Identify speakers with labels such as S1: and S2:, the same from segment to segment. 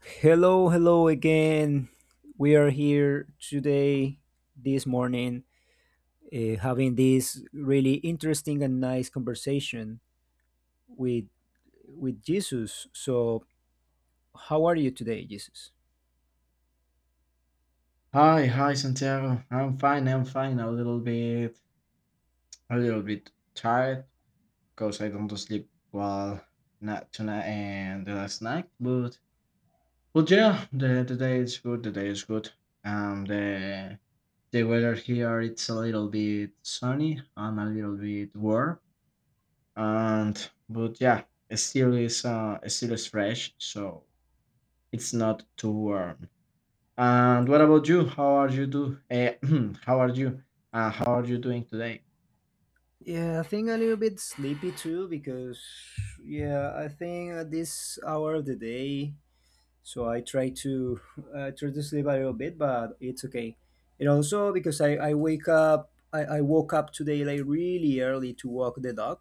S1: Hello, hello again. We are here today, this morning, having this really interesting and nice conversation with with Jesus. So, how are you today, Jesus?
S2: Hi Santiago. I'm fine. I'm fine. A little bit tired because I don't sleep well not tonight and the last night. But yeah, the day is good. The day is good. Um, the the weather here it's a little bit sunny and a little bit warm. And but yeah, it still is fresh, so it's not too warm. And what about you? How are you do? How are you? How are you doing today?
S1: Yeah, I think a little bit sleepy too because yeah, I think at this hour of the day, so I try to try to sleep a little bit, but it's okay. And also because I wake up I woke up today like really early to walk the dog,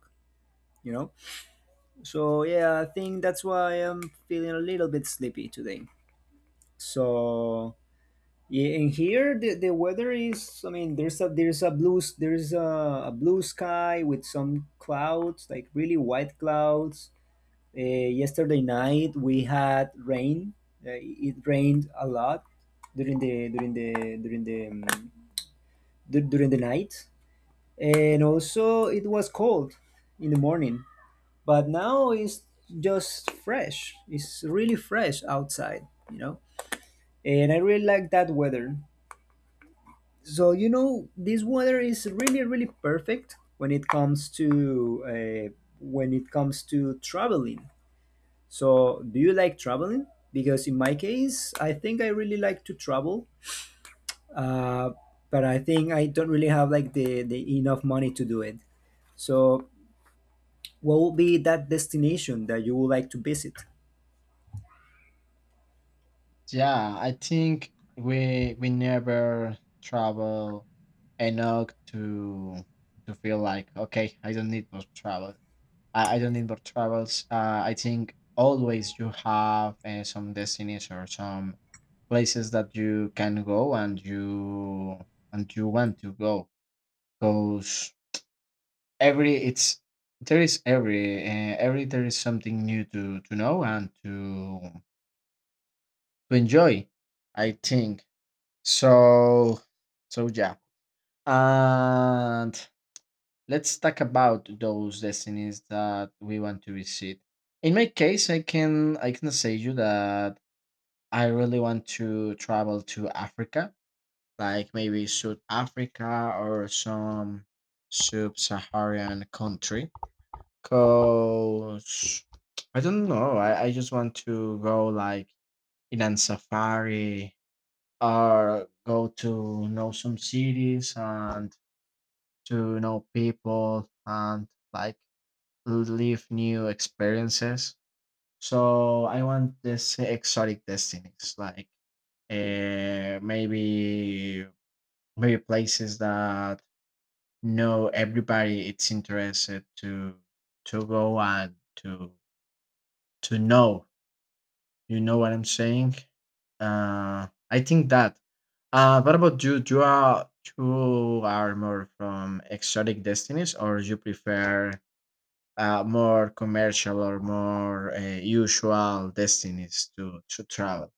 S1: you know. So yeah, I think that's why I'm feeling a little bit sleepy today. So yeah, and here the weather is, I mean, there's a blue there's a blue sky with some clouds, like really white clouds. Uh, yesterday night we had rain. Uh, it rained a lot during the during the night, and also it was cold in the morning, but now it's just fresh. It's really fresh outside, you know, and I really like that weather. So you know, this weather is really, really perfect when it comes to when it comes to traveling. So do you like traveling? Because in my case, I think I really like to travel, uh, but I think I don't really have like the enough money to do it. So what would be that destination that you would like to visit?
S2: Yeah, I think we never travel enough to feel like okay, I don't need more travel. I don't need more travels. I think always you have some destinies or some places that you can go and you want to go. Because every it's there is every there is something new to know and to enjoy, I think. So so yeah, and let's talk about those destinies that we want to visit. In my case, I can I can say you that I really want to travel to Africa, like maybe South Africa or some sub-Saharan country. Cause I don't know. I just want to go like in a safari or go to know some cities and to know people and like live new experiences. So I want this exotic destinies, like uh, maybe maybe places that no everybody it's interested to go and to know. You know what I'm saying? I think that. What about you? Do you are more from exotic destinies, or you prefer more commercial or more usual destinies to travel?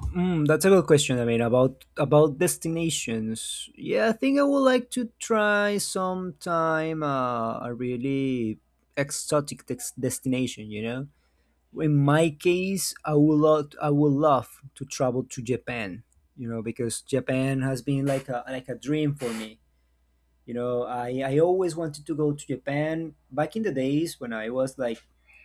S1: Mm, that's a good question. I mean, about destinations. Yeah, I think I would like to try sometime a really exotic destination. You know, in my case, I would love to travel to Japan. You know, because Japan has been like a dream for me. You know, I always wanted to go to Japan. Back in the days when I was like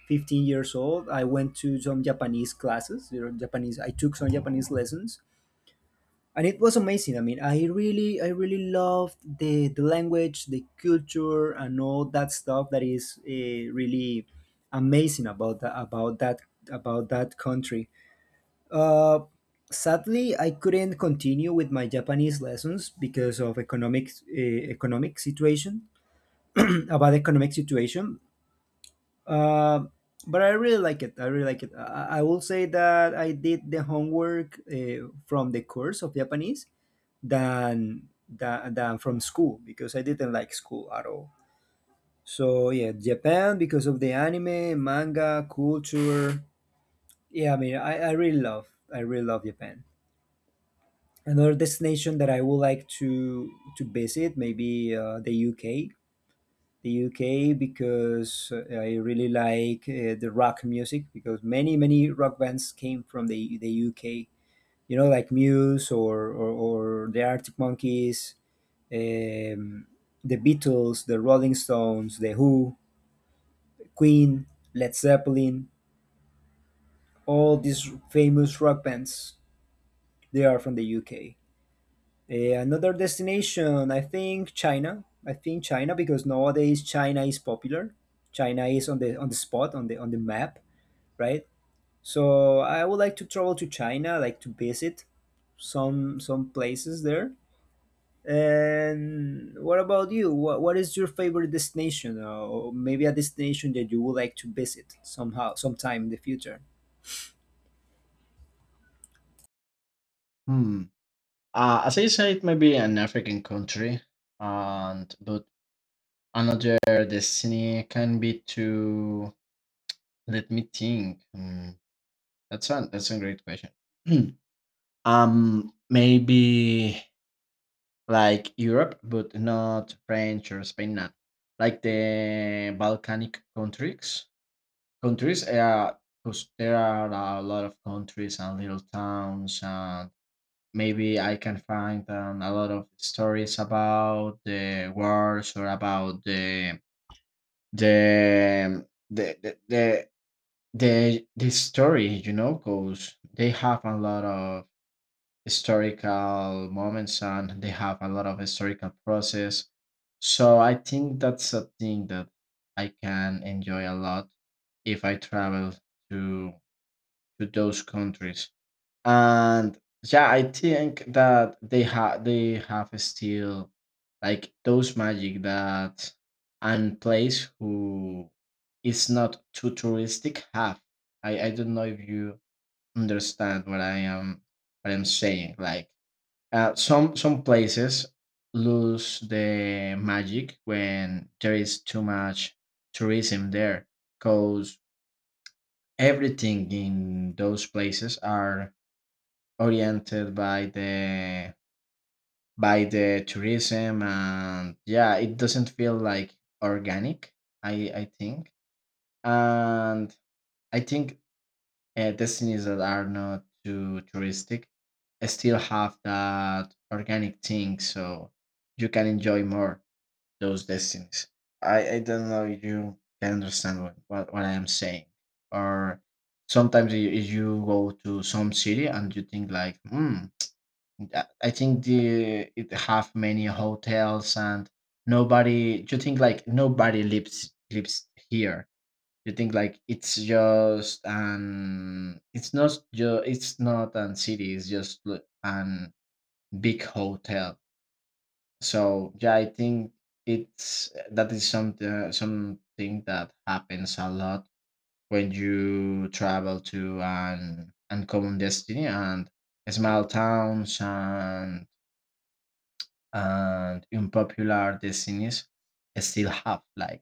S1: 15 years old, I went to some Japanese classes. You know, Japanese. I took some Japanese lessons, and it was amazing. I mean, I really loved the language, the culture, and all that stuff that is really amazing about that about that about that country. uh Sadly, I couldn't continue with my Japanese lessons because of economic economic situation. About economic situation, uh, but I really like it. I really like it. I will say that I did the homework from the course of Japanese, than from school, because I didn't like school at all. So yeah, Japan, because of the anime, manga, culture. Yeah, I mean, I really love Japan. Another destination that I would like to visit maybe the UK. The UK because I really like the rock music, because many rock bands came from the UK. You know, like Muse or the Arctic Monkeys, um, the Beatles, the Rolling Stones, the Who, Queen, Led Zeppelin, all these famous rock bands, they are from the UK. Eh, another destination, I think China. I think China because nowadays China is popular. China is on the spot on the map, right? So I would like to travel to China, like to visit some places there. And what about you? What is your favorite destination, or maybe a destination that you would like to visit somehow, sometime in the future?
S2: Hmm. As I said, maybe an African country, and but another destiny can be to... let me think. Hmm. That's a great question. Maybe like Europe, but not French or Spain, not like the Balkanic countries. Countries, because there are a lot of countries and little towns, and maybe I can find a lot of stories about the wars or about the um, the the the the story, you know, because they have a lot of historical moments and they have a lot of historical process. So I think that's a thing that I can enjoy a lot if I travel to to those countries. And yeah, I think that they have still like those magic that and place who is not too touristic have. I don't know if you understand what I'm saying. Like some places lose the magic when there is too much tourism there, because everything in those places are oriented by the tourism, and yeah, it doesn't feel like organic. I think, and I think destinies that are not too touristic still have that organic thing, so you can enjoy more those destinies. I don't know if you can understand what I am saying. Or sometimes you go to some city and you think like, I think the it have many hotels and nobody. You think like nobody lives here. You think like it's not an city. It's just an big hotel. So yeah, I think it's that is something that happens a lot when you travel to an uncommon destiny and small towns and unpopular decisions still have like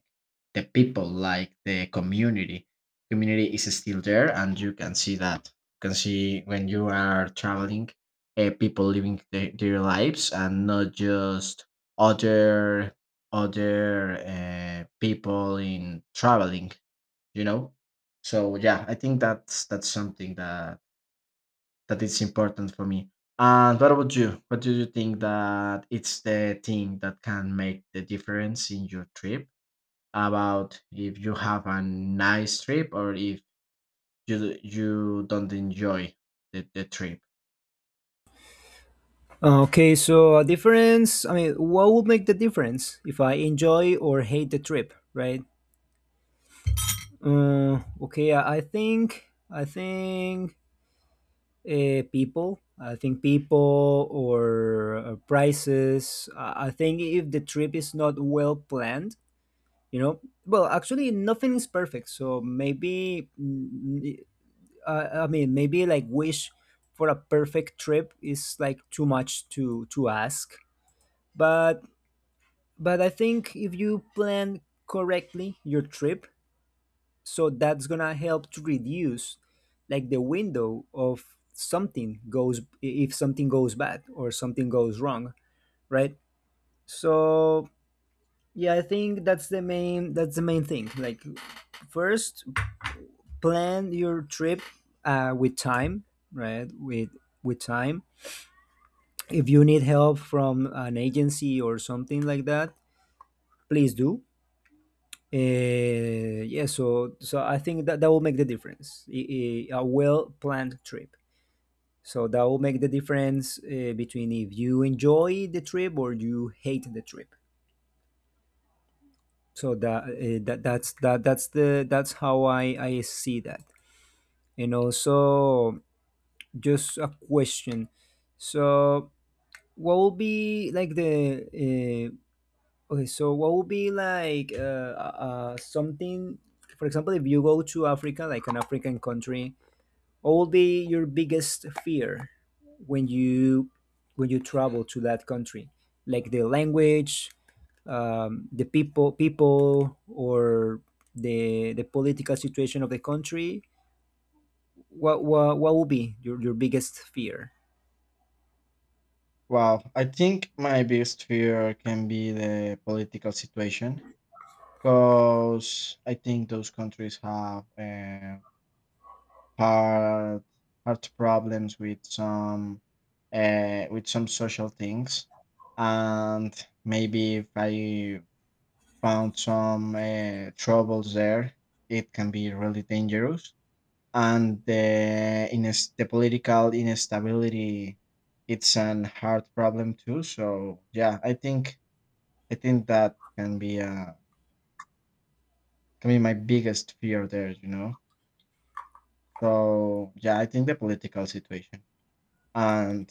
S2: the people, like the community is still there, and you can see that, you can see when you are traveling people living their lives and not just other other people in traveling, you know. So yeah, I think that's something that it's important for me. And what about you? What do you think that it's the thing that can make the difference in your trip? About if you have a nice trip or if you don't enjoy the trip?
S1: Okay, so a difference. I mean, what would make the difference if I enjoy or hate the trip, right? Okay, I think people. I think people or prices. I think if the trip is not well planned, you know, well, actually nothing is perfect, so maybe I mean, maybe like wish for a perfect trip is like too much to ask. But I think if you plan correctly your trip, so that's gonna help to reduce like the window of something goes if something goes bad or something goes wrong, right? So yeah, I think that's the main thing. Like, first, plan your trip with time, right? With time, if you need help from an agency or something like that, please do. Yeah, so I think that that will make the difference. A well planned trip, so that will make the difference, between if you enjoy the trip or you hate the trip. So that's the, that's how I see that. And also, just a question, so what would be like the okay, so what would be like something, for example, if you go to Africa, like an African country, what would be your biggest fear when you travel to that country? Like the language, the people, or the political situation of the country? What would be your biggest fear?
S2: Wow, I think my biggest fear can be the political situation because I think those countries have had had problems with some with some social things, and maybe if I found some troubles there, it can be really dangerous. And the political instability, it's an hard problem too. So yeah, I think that can be my biggest fear there. You know. So yeah, I think the political situation, and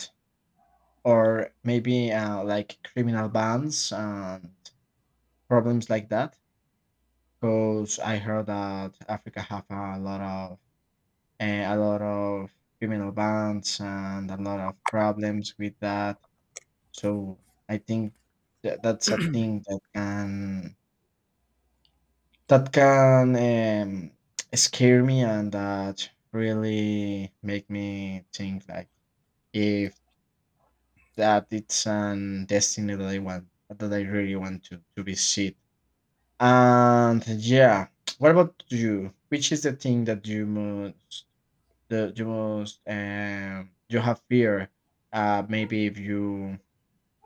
S2: or maybe like criminal bands and problems like that. Because I heard that Africa have a lot of eh, a lot of criminal bands and a lot of problems with that. So I think that's a thing that can that can um, scare me, and that really make me think like if that it's an destiny that I really want to visit. And yeah, what about you? Which is the thing that you most the you most you have fear? Maybe if you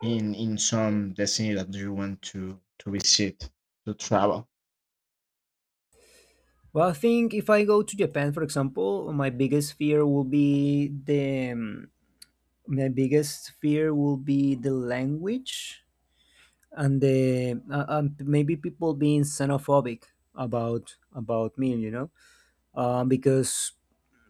S2: in some destiny that you want to visit to travel.
S1: Well, I think if I go to Japan, for example, my biggest fear will be the my biggest fear will be the language, and the maybe people being xenophobic about me, you know, because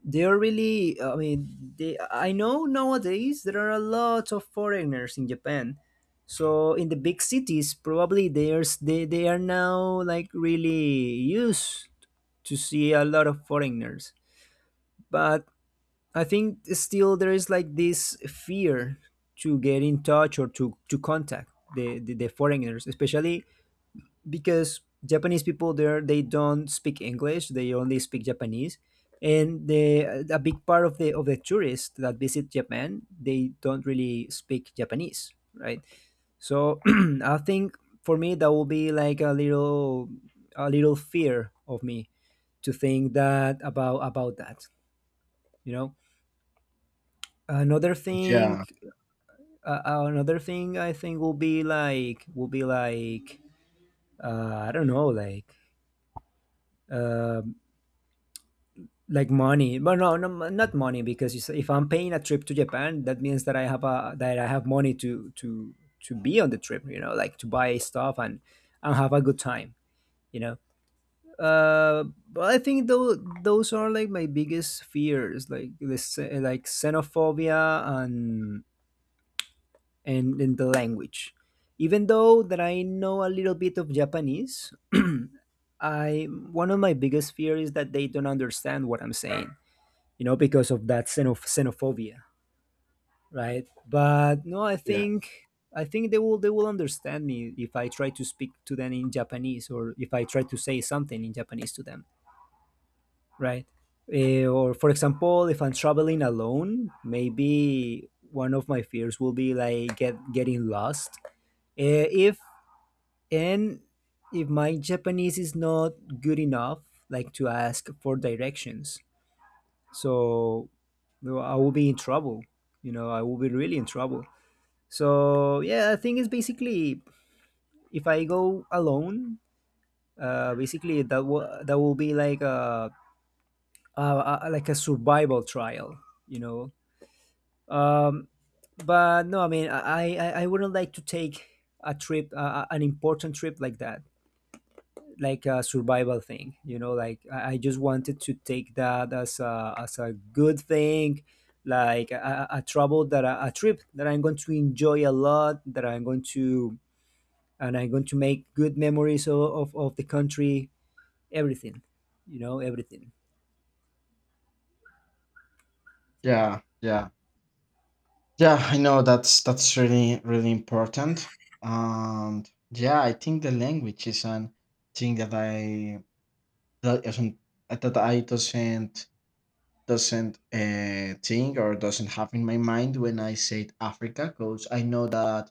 S1: they are really. I mean, they, I know nowadays there are a lot of foreigners in Japan. So in the big cities, probably there's they are now like really used to see a lot of foreigners. But I think still there is like this fear to get in touch or to contact the foreigners, especially because Japanese people there, they don't speak English, they only speak Japanese. And the a big part of the tourists that visit Japan, they don't really speak Japanese, right? So I think for me that will be like a little, a little fear of me, to think that about that, you know. Another thing,
S2: Yeah,
S1: another thing, I think will be like I don't know, uh like money, but no, not money, because you say if I'm paying a trip to Japan that means that I have a that I have money to to be on the trip, you know, like to buy stuff and have a good time, you know. Uh, but I think those are like my biggest fears, like this, like xenophobia and in the language. Even though that I know a little bit of Japanese, I one of my biggest fear is that they don't understand what I'm saying. You know, because of that xenophobia, right? But no, I
S2: yeah,
S1: think they will understand me if I try to speak to them in Japanese, or if I try to say something in Japanese to them, right? Eh, or for example, if I'm traveling alone, maybe one of my fears will be like getting lost, uh, if and if my Japanese is not good enough, like to ask for directions, so, well, I will be in trouble. You know, I will be really in trouble. So yeah, I think it's basically if I go alone, basically that will be like a, a, like a survival trial. You know, um, but no, I mean, I wouldn't like to take a trip, an important trip like that, like a survival thing, you know. Like I just wanted to take that as a good thing, like a travel that a trip that I'm going to enjoy a lot, that I'm going to, and I'm going to make good memories of the country, everything, you know, everything.
S2: yeah, yeah, yeah. I know that's really really important. And yeah, I think the language is an thing that I that isn't that I doesn't think or doesn't have in my mind when I said Africa, because I know that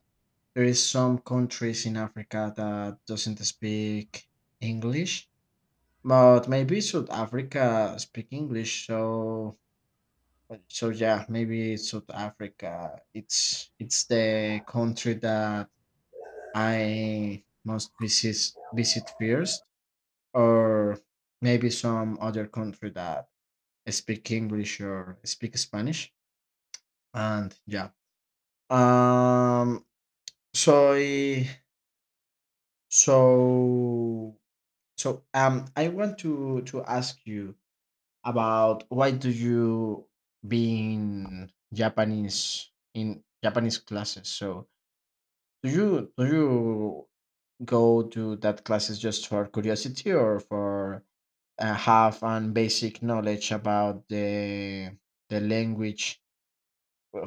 S2: there is some countries in Africa that doesn't speak English, but maybe South Africa speak English. so yeah, maybe it's South Africa. It's the country that I must visit first, or maybe some other country that speak English or speak Spanish. And yeah. Um so I- so I want to ask you about why do you being Japanese in Japanese classes. So do you go to that classes just for curiosity or for have an basic knowledge about the language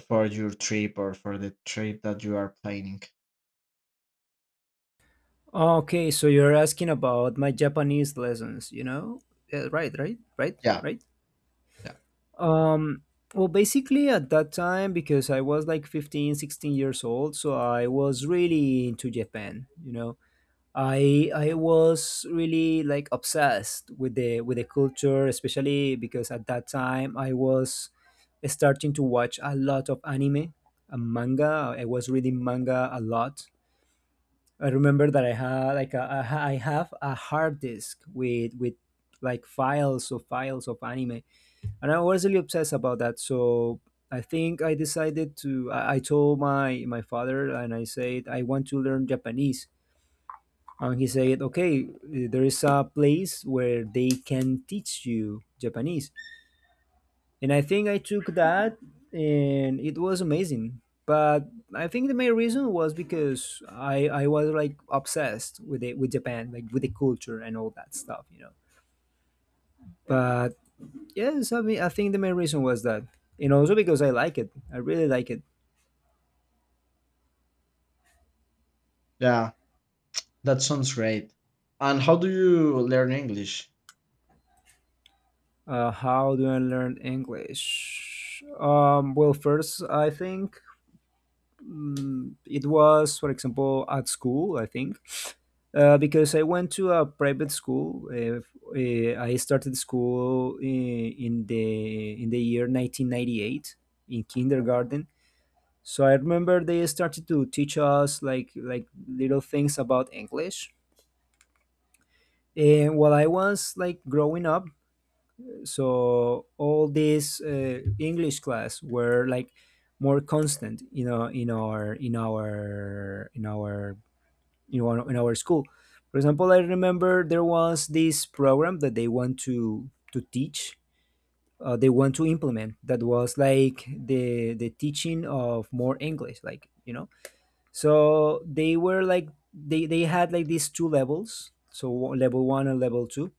S2: for your trip or for the trip that you are planning?
S1: Okay, so you're asking about my Japanese lessons, you know. Yeah, right
S2: Yeah.
S1: right um, well, basically at that time, because I was like 15, 16 years old, so I was really into Japan, you know. I was really like obsessed with the culture, especially because at that time I was starting to watch a lot of anime and manga. I was reading manga a lot. I remember that I had like a, I have a hard disk with like files of anime, and I was really obsessed about that. So I think I decided to. I told my father, and I said I want to learn Japanese, and he said, "Okay, there is a place where they can teach you Japanese." And I think I took that, and it was amazing. But I think the main reason was because I was like obsessed with it, with Japan, like with the culture and all that stuff, you know. But yes, I mean, I think the main reason was that, and also because I like it. I really like it.
S2: Yeah, that sounds great. And how do you learn English?
S1: How do I learn English? Well, first, I think it was, for example, at school, I think, because I went to a private school. I started school in the year 1998 in kindergarten. So I remember they started to teach us like little things about English. And while I was like growing up, so all these English class were like more constant, you know, in our in our in our you know in our school. For example, I remember there was this program that they want to teach, they want to implement, that was like the teaching of more English, like you know. So they were like they had like these two levels, so level one and level two,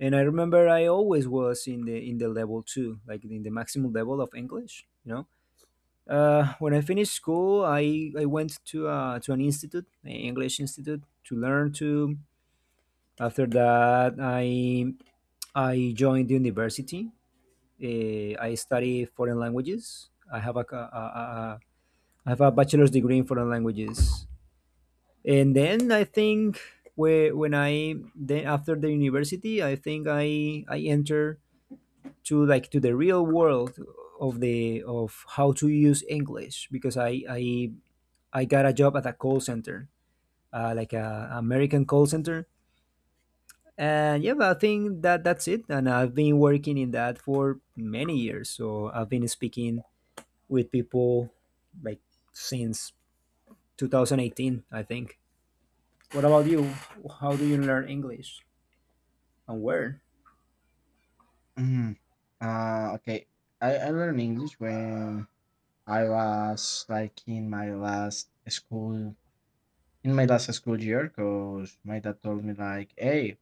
S1: and I remember I always was in the level two, like in the maximum level of English, you know. When I finished school, I went to an institute, an English institute, to learn. To after that, I I joined the university. I study foreign languages. I have a I have a bachelor's degree in foreign languages. And then I think whe- when I then after the university, I think I enter to like to the real world of the of how to use English, because I I got a job at a call center, like a American call center, and yeah. But I think that that's it. And I've been working in that for many years, so I've been speaking with people, like, since 2018, I think. What about you? How do you learn English and where?
S2: Mm, okay, I learned English when I was like in my last school year, because my dad told me like, hey,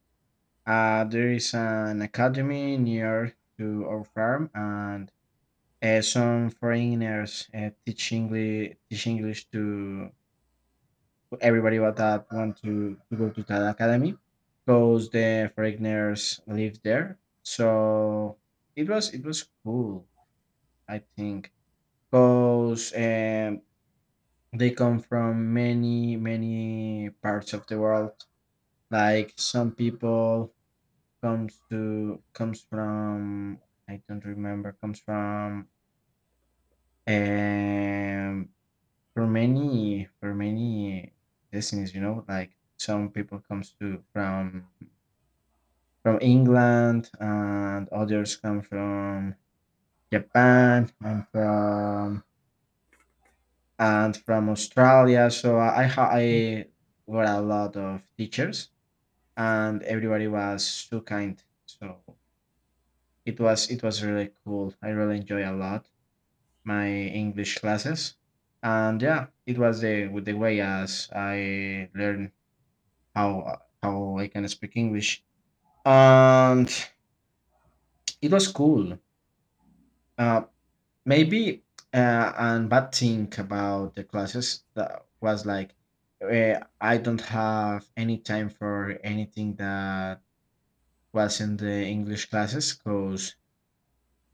S2: there is an academy near to our farm, and some foreigners teach English to everybody but that want to go to that academy because the Fregners live there. So it was cool, I think, because they come from many parts of the world. Like some people comes from. I don't remember. Comes from um for many destinies, you know, like some people comes to from England, and others come from Japan and from Australia. So I were a lot of teachers, and everybody was so kind. So it was really cool. I really enjoy a lot my English classes, and yeah, it was the with the way as I learned how I can speak English, and it was cool. Uh, Maybe and bad thing about the classes that was like I don't have any time for anything that was in the English classes because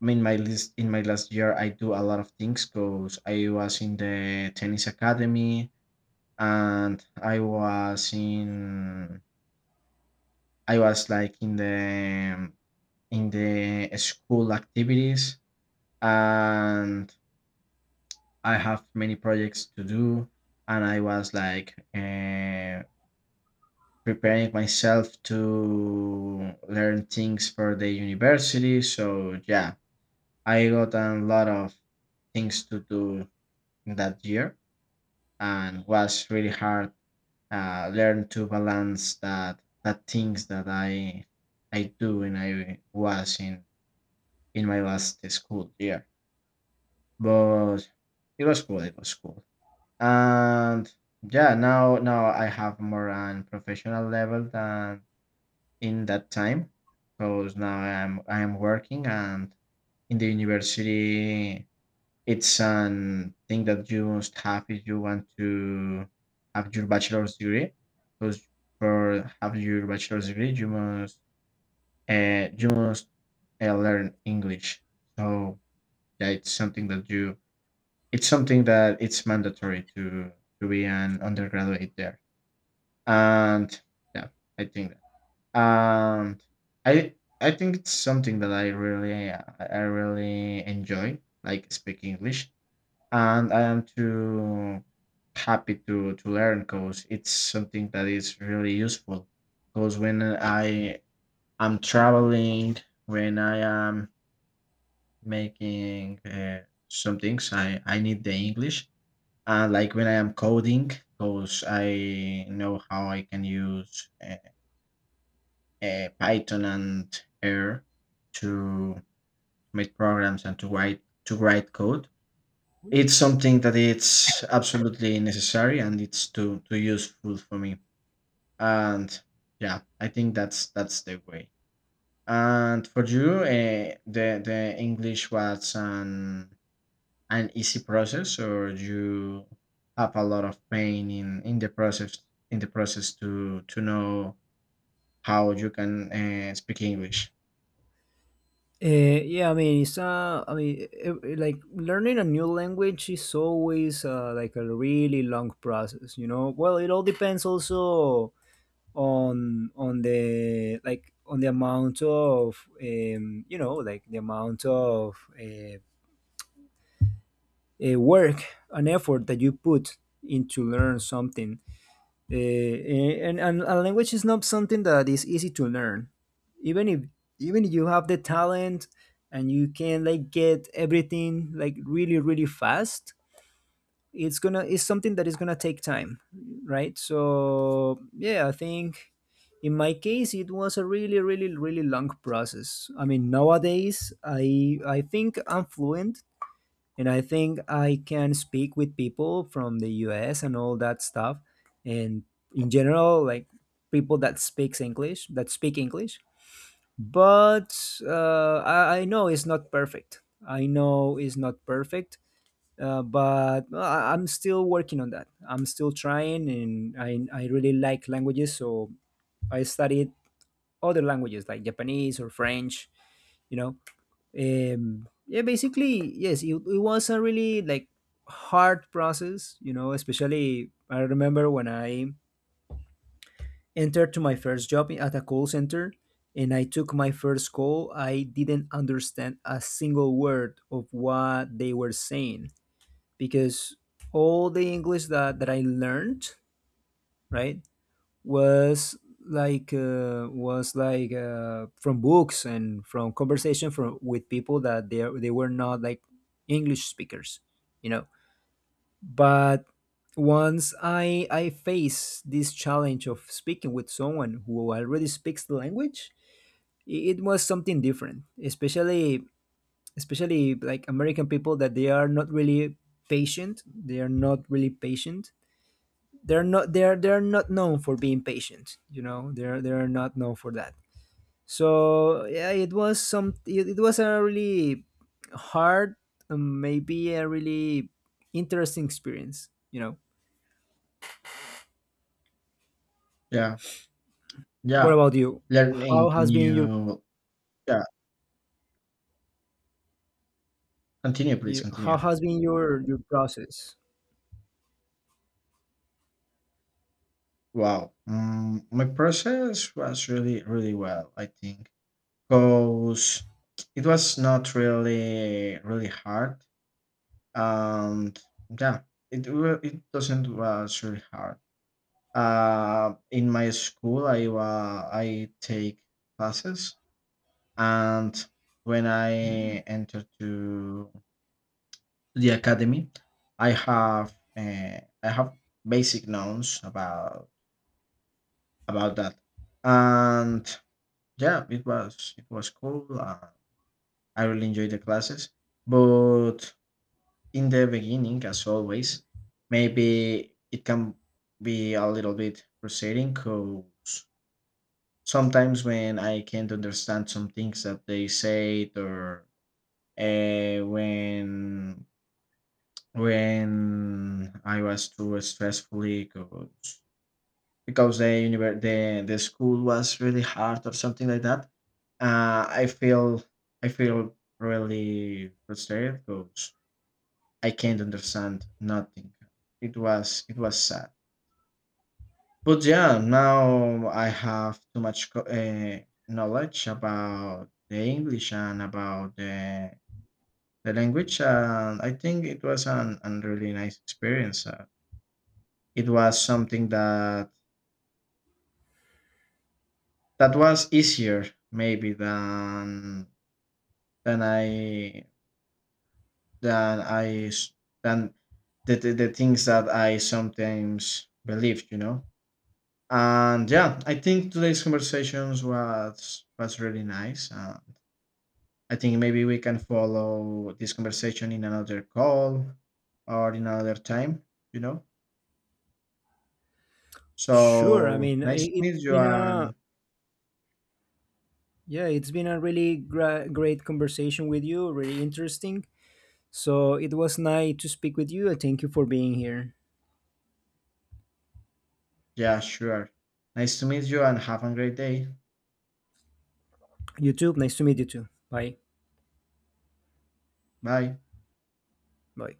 S2: I mean my list in my last year I do a lot of things because I was in the tennis academy and I was in I was like in the school activities and I have many projects to do, and I was like preparing myself to learn things for the university. So yeah, I got a lot of things to do in that year, and was really hard learn to balance that things that I do when I was in my last school year. But it was cool. It was cool. And yeah, now I have more on professional level than in that time because now I'm working and in the university it's an thing that you must have if you want to have your bachelor's degree, because for have your bachelor's degree you must uh, you must learn English. So yeah, it's something that it's mandatory to be an undergraduate there. And yeah, I think that. And I I think it's something that I really enjoy, like speaking English. And I am too happy to learn because it's something that is really useful. Because when I am traveling, when I am making some things, I need the English. And like when I am coding, because I know how I can use Python and R to make programs and to write code. It's something that it's absolutely necessary and it's too useful for me. And yeah, I think that's the way. And for you, the English was an easy process, or you have a lot of pain in the process to know how you can speak English.
S1: Yeah, I mean, it's I mean, like learning a new language is always like a really long process, you know. Well, it all depends also on the like on the amount of you know, like the amount of work and effort that you put into learn something, uh, and a language is not something that is easy to learn. Even if, even if you have the talent and you can like get everything like really really fast, it's gonna, it's something that is gonna take time, right? So yeah, I think in my case it was a really really really long process. I mean nowadays I think I'm fluent, and I think I can speak with people from the US and all that stuff, and in general, like, people that speaks English, that speak English. But I know it's not perfect. I know it's not perfect. But well, I'm still working on that. I'm still trying, and I really like languages, so I studied other languages like Japanese or French, you know. Yeah, basically, yes, it was a really like hard process, you know. Especially I remember when I entered to my first job at a call center, and I took my first call, I didn't understand a single word of what they were saying, because all the English that I learned, right, was like from books and from conversation from with people that they were not like English speakers, you know. But once I face this challenge of speaking with someone who already speaks the language, it was something different. Especially, especially like American people, that they are not really patient. They are not really patient. They're not known for being patient, you know. They're not known for that. So yeah, it was it was a really hard, maybe a really interesting experience, you know.
S2: Yeah.
S1: What
S2: Yeah,
S1: about you? How
S2: learning
S1: has been your,
S2: new. Yeah, continue, please,
S1: you,
S2: continue.
S1: how has been your process?
S2: Wow, my process was really, really well, I think, because it was not really, really hard, and yeah, it doesn't was really hard. In my school, I take classes, and when I entered to the academy, I have basic knowns about that, and yeah, it was cool. I really enjoyed the classes, but in the beginning, as always, maybe it can be a little bit frustrating, because sometimes when I can't understand some things that they said, or uh, when when I was too stressfully, because the univer- the school was really hard or something like that. Uh, I feel I feel really frustrated because I can't understand nothing. It was sad, but yeah, now I have too much knowledge about the English and about the language, and I think it was an really nice experience. It was something that was easier maybe than than I s- than the things that I sometimes believed, you know. And yeah, I think today's conversations was really nice. And I think maybe we can follow this conversation in another call or in another time, you know.
S1: Sure. I
S2: So
S1: mean,
S2: nice to
S1: it's
S2: meet you
S1: been a,
S2: and
S1: yeah, it's been a really great conversation with you, really interesting. So it was nice to speak with you, and thank you for being here.
S2: yeah, sure. Nice to meet you and have a great day.
S1: YouTube. Nice to meet you too. Bye.
S2: Bye.
S1: Bye.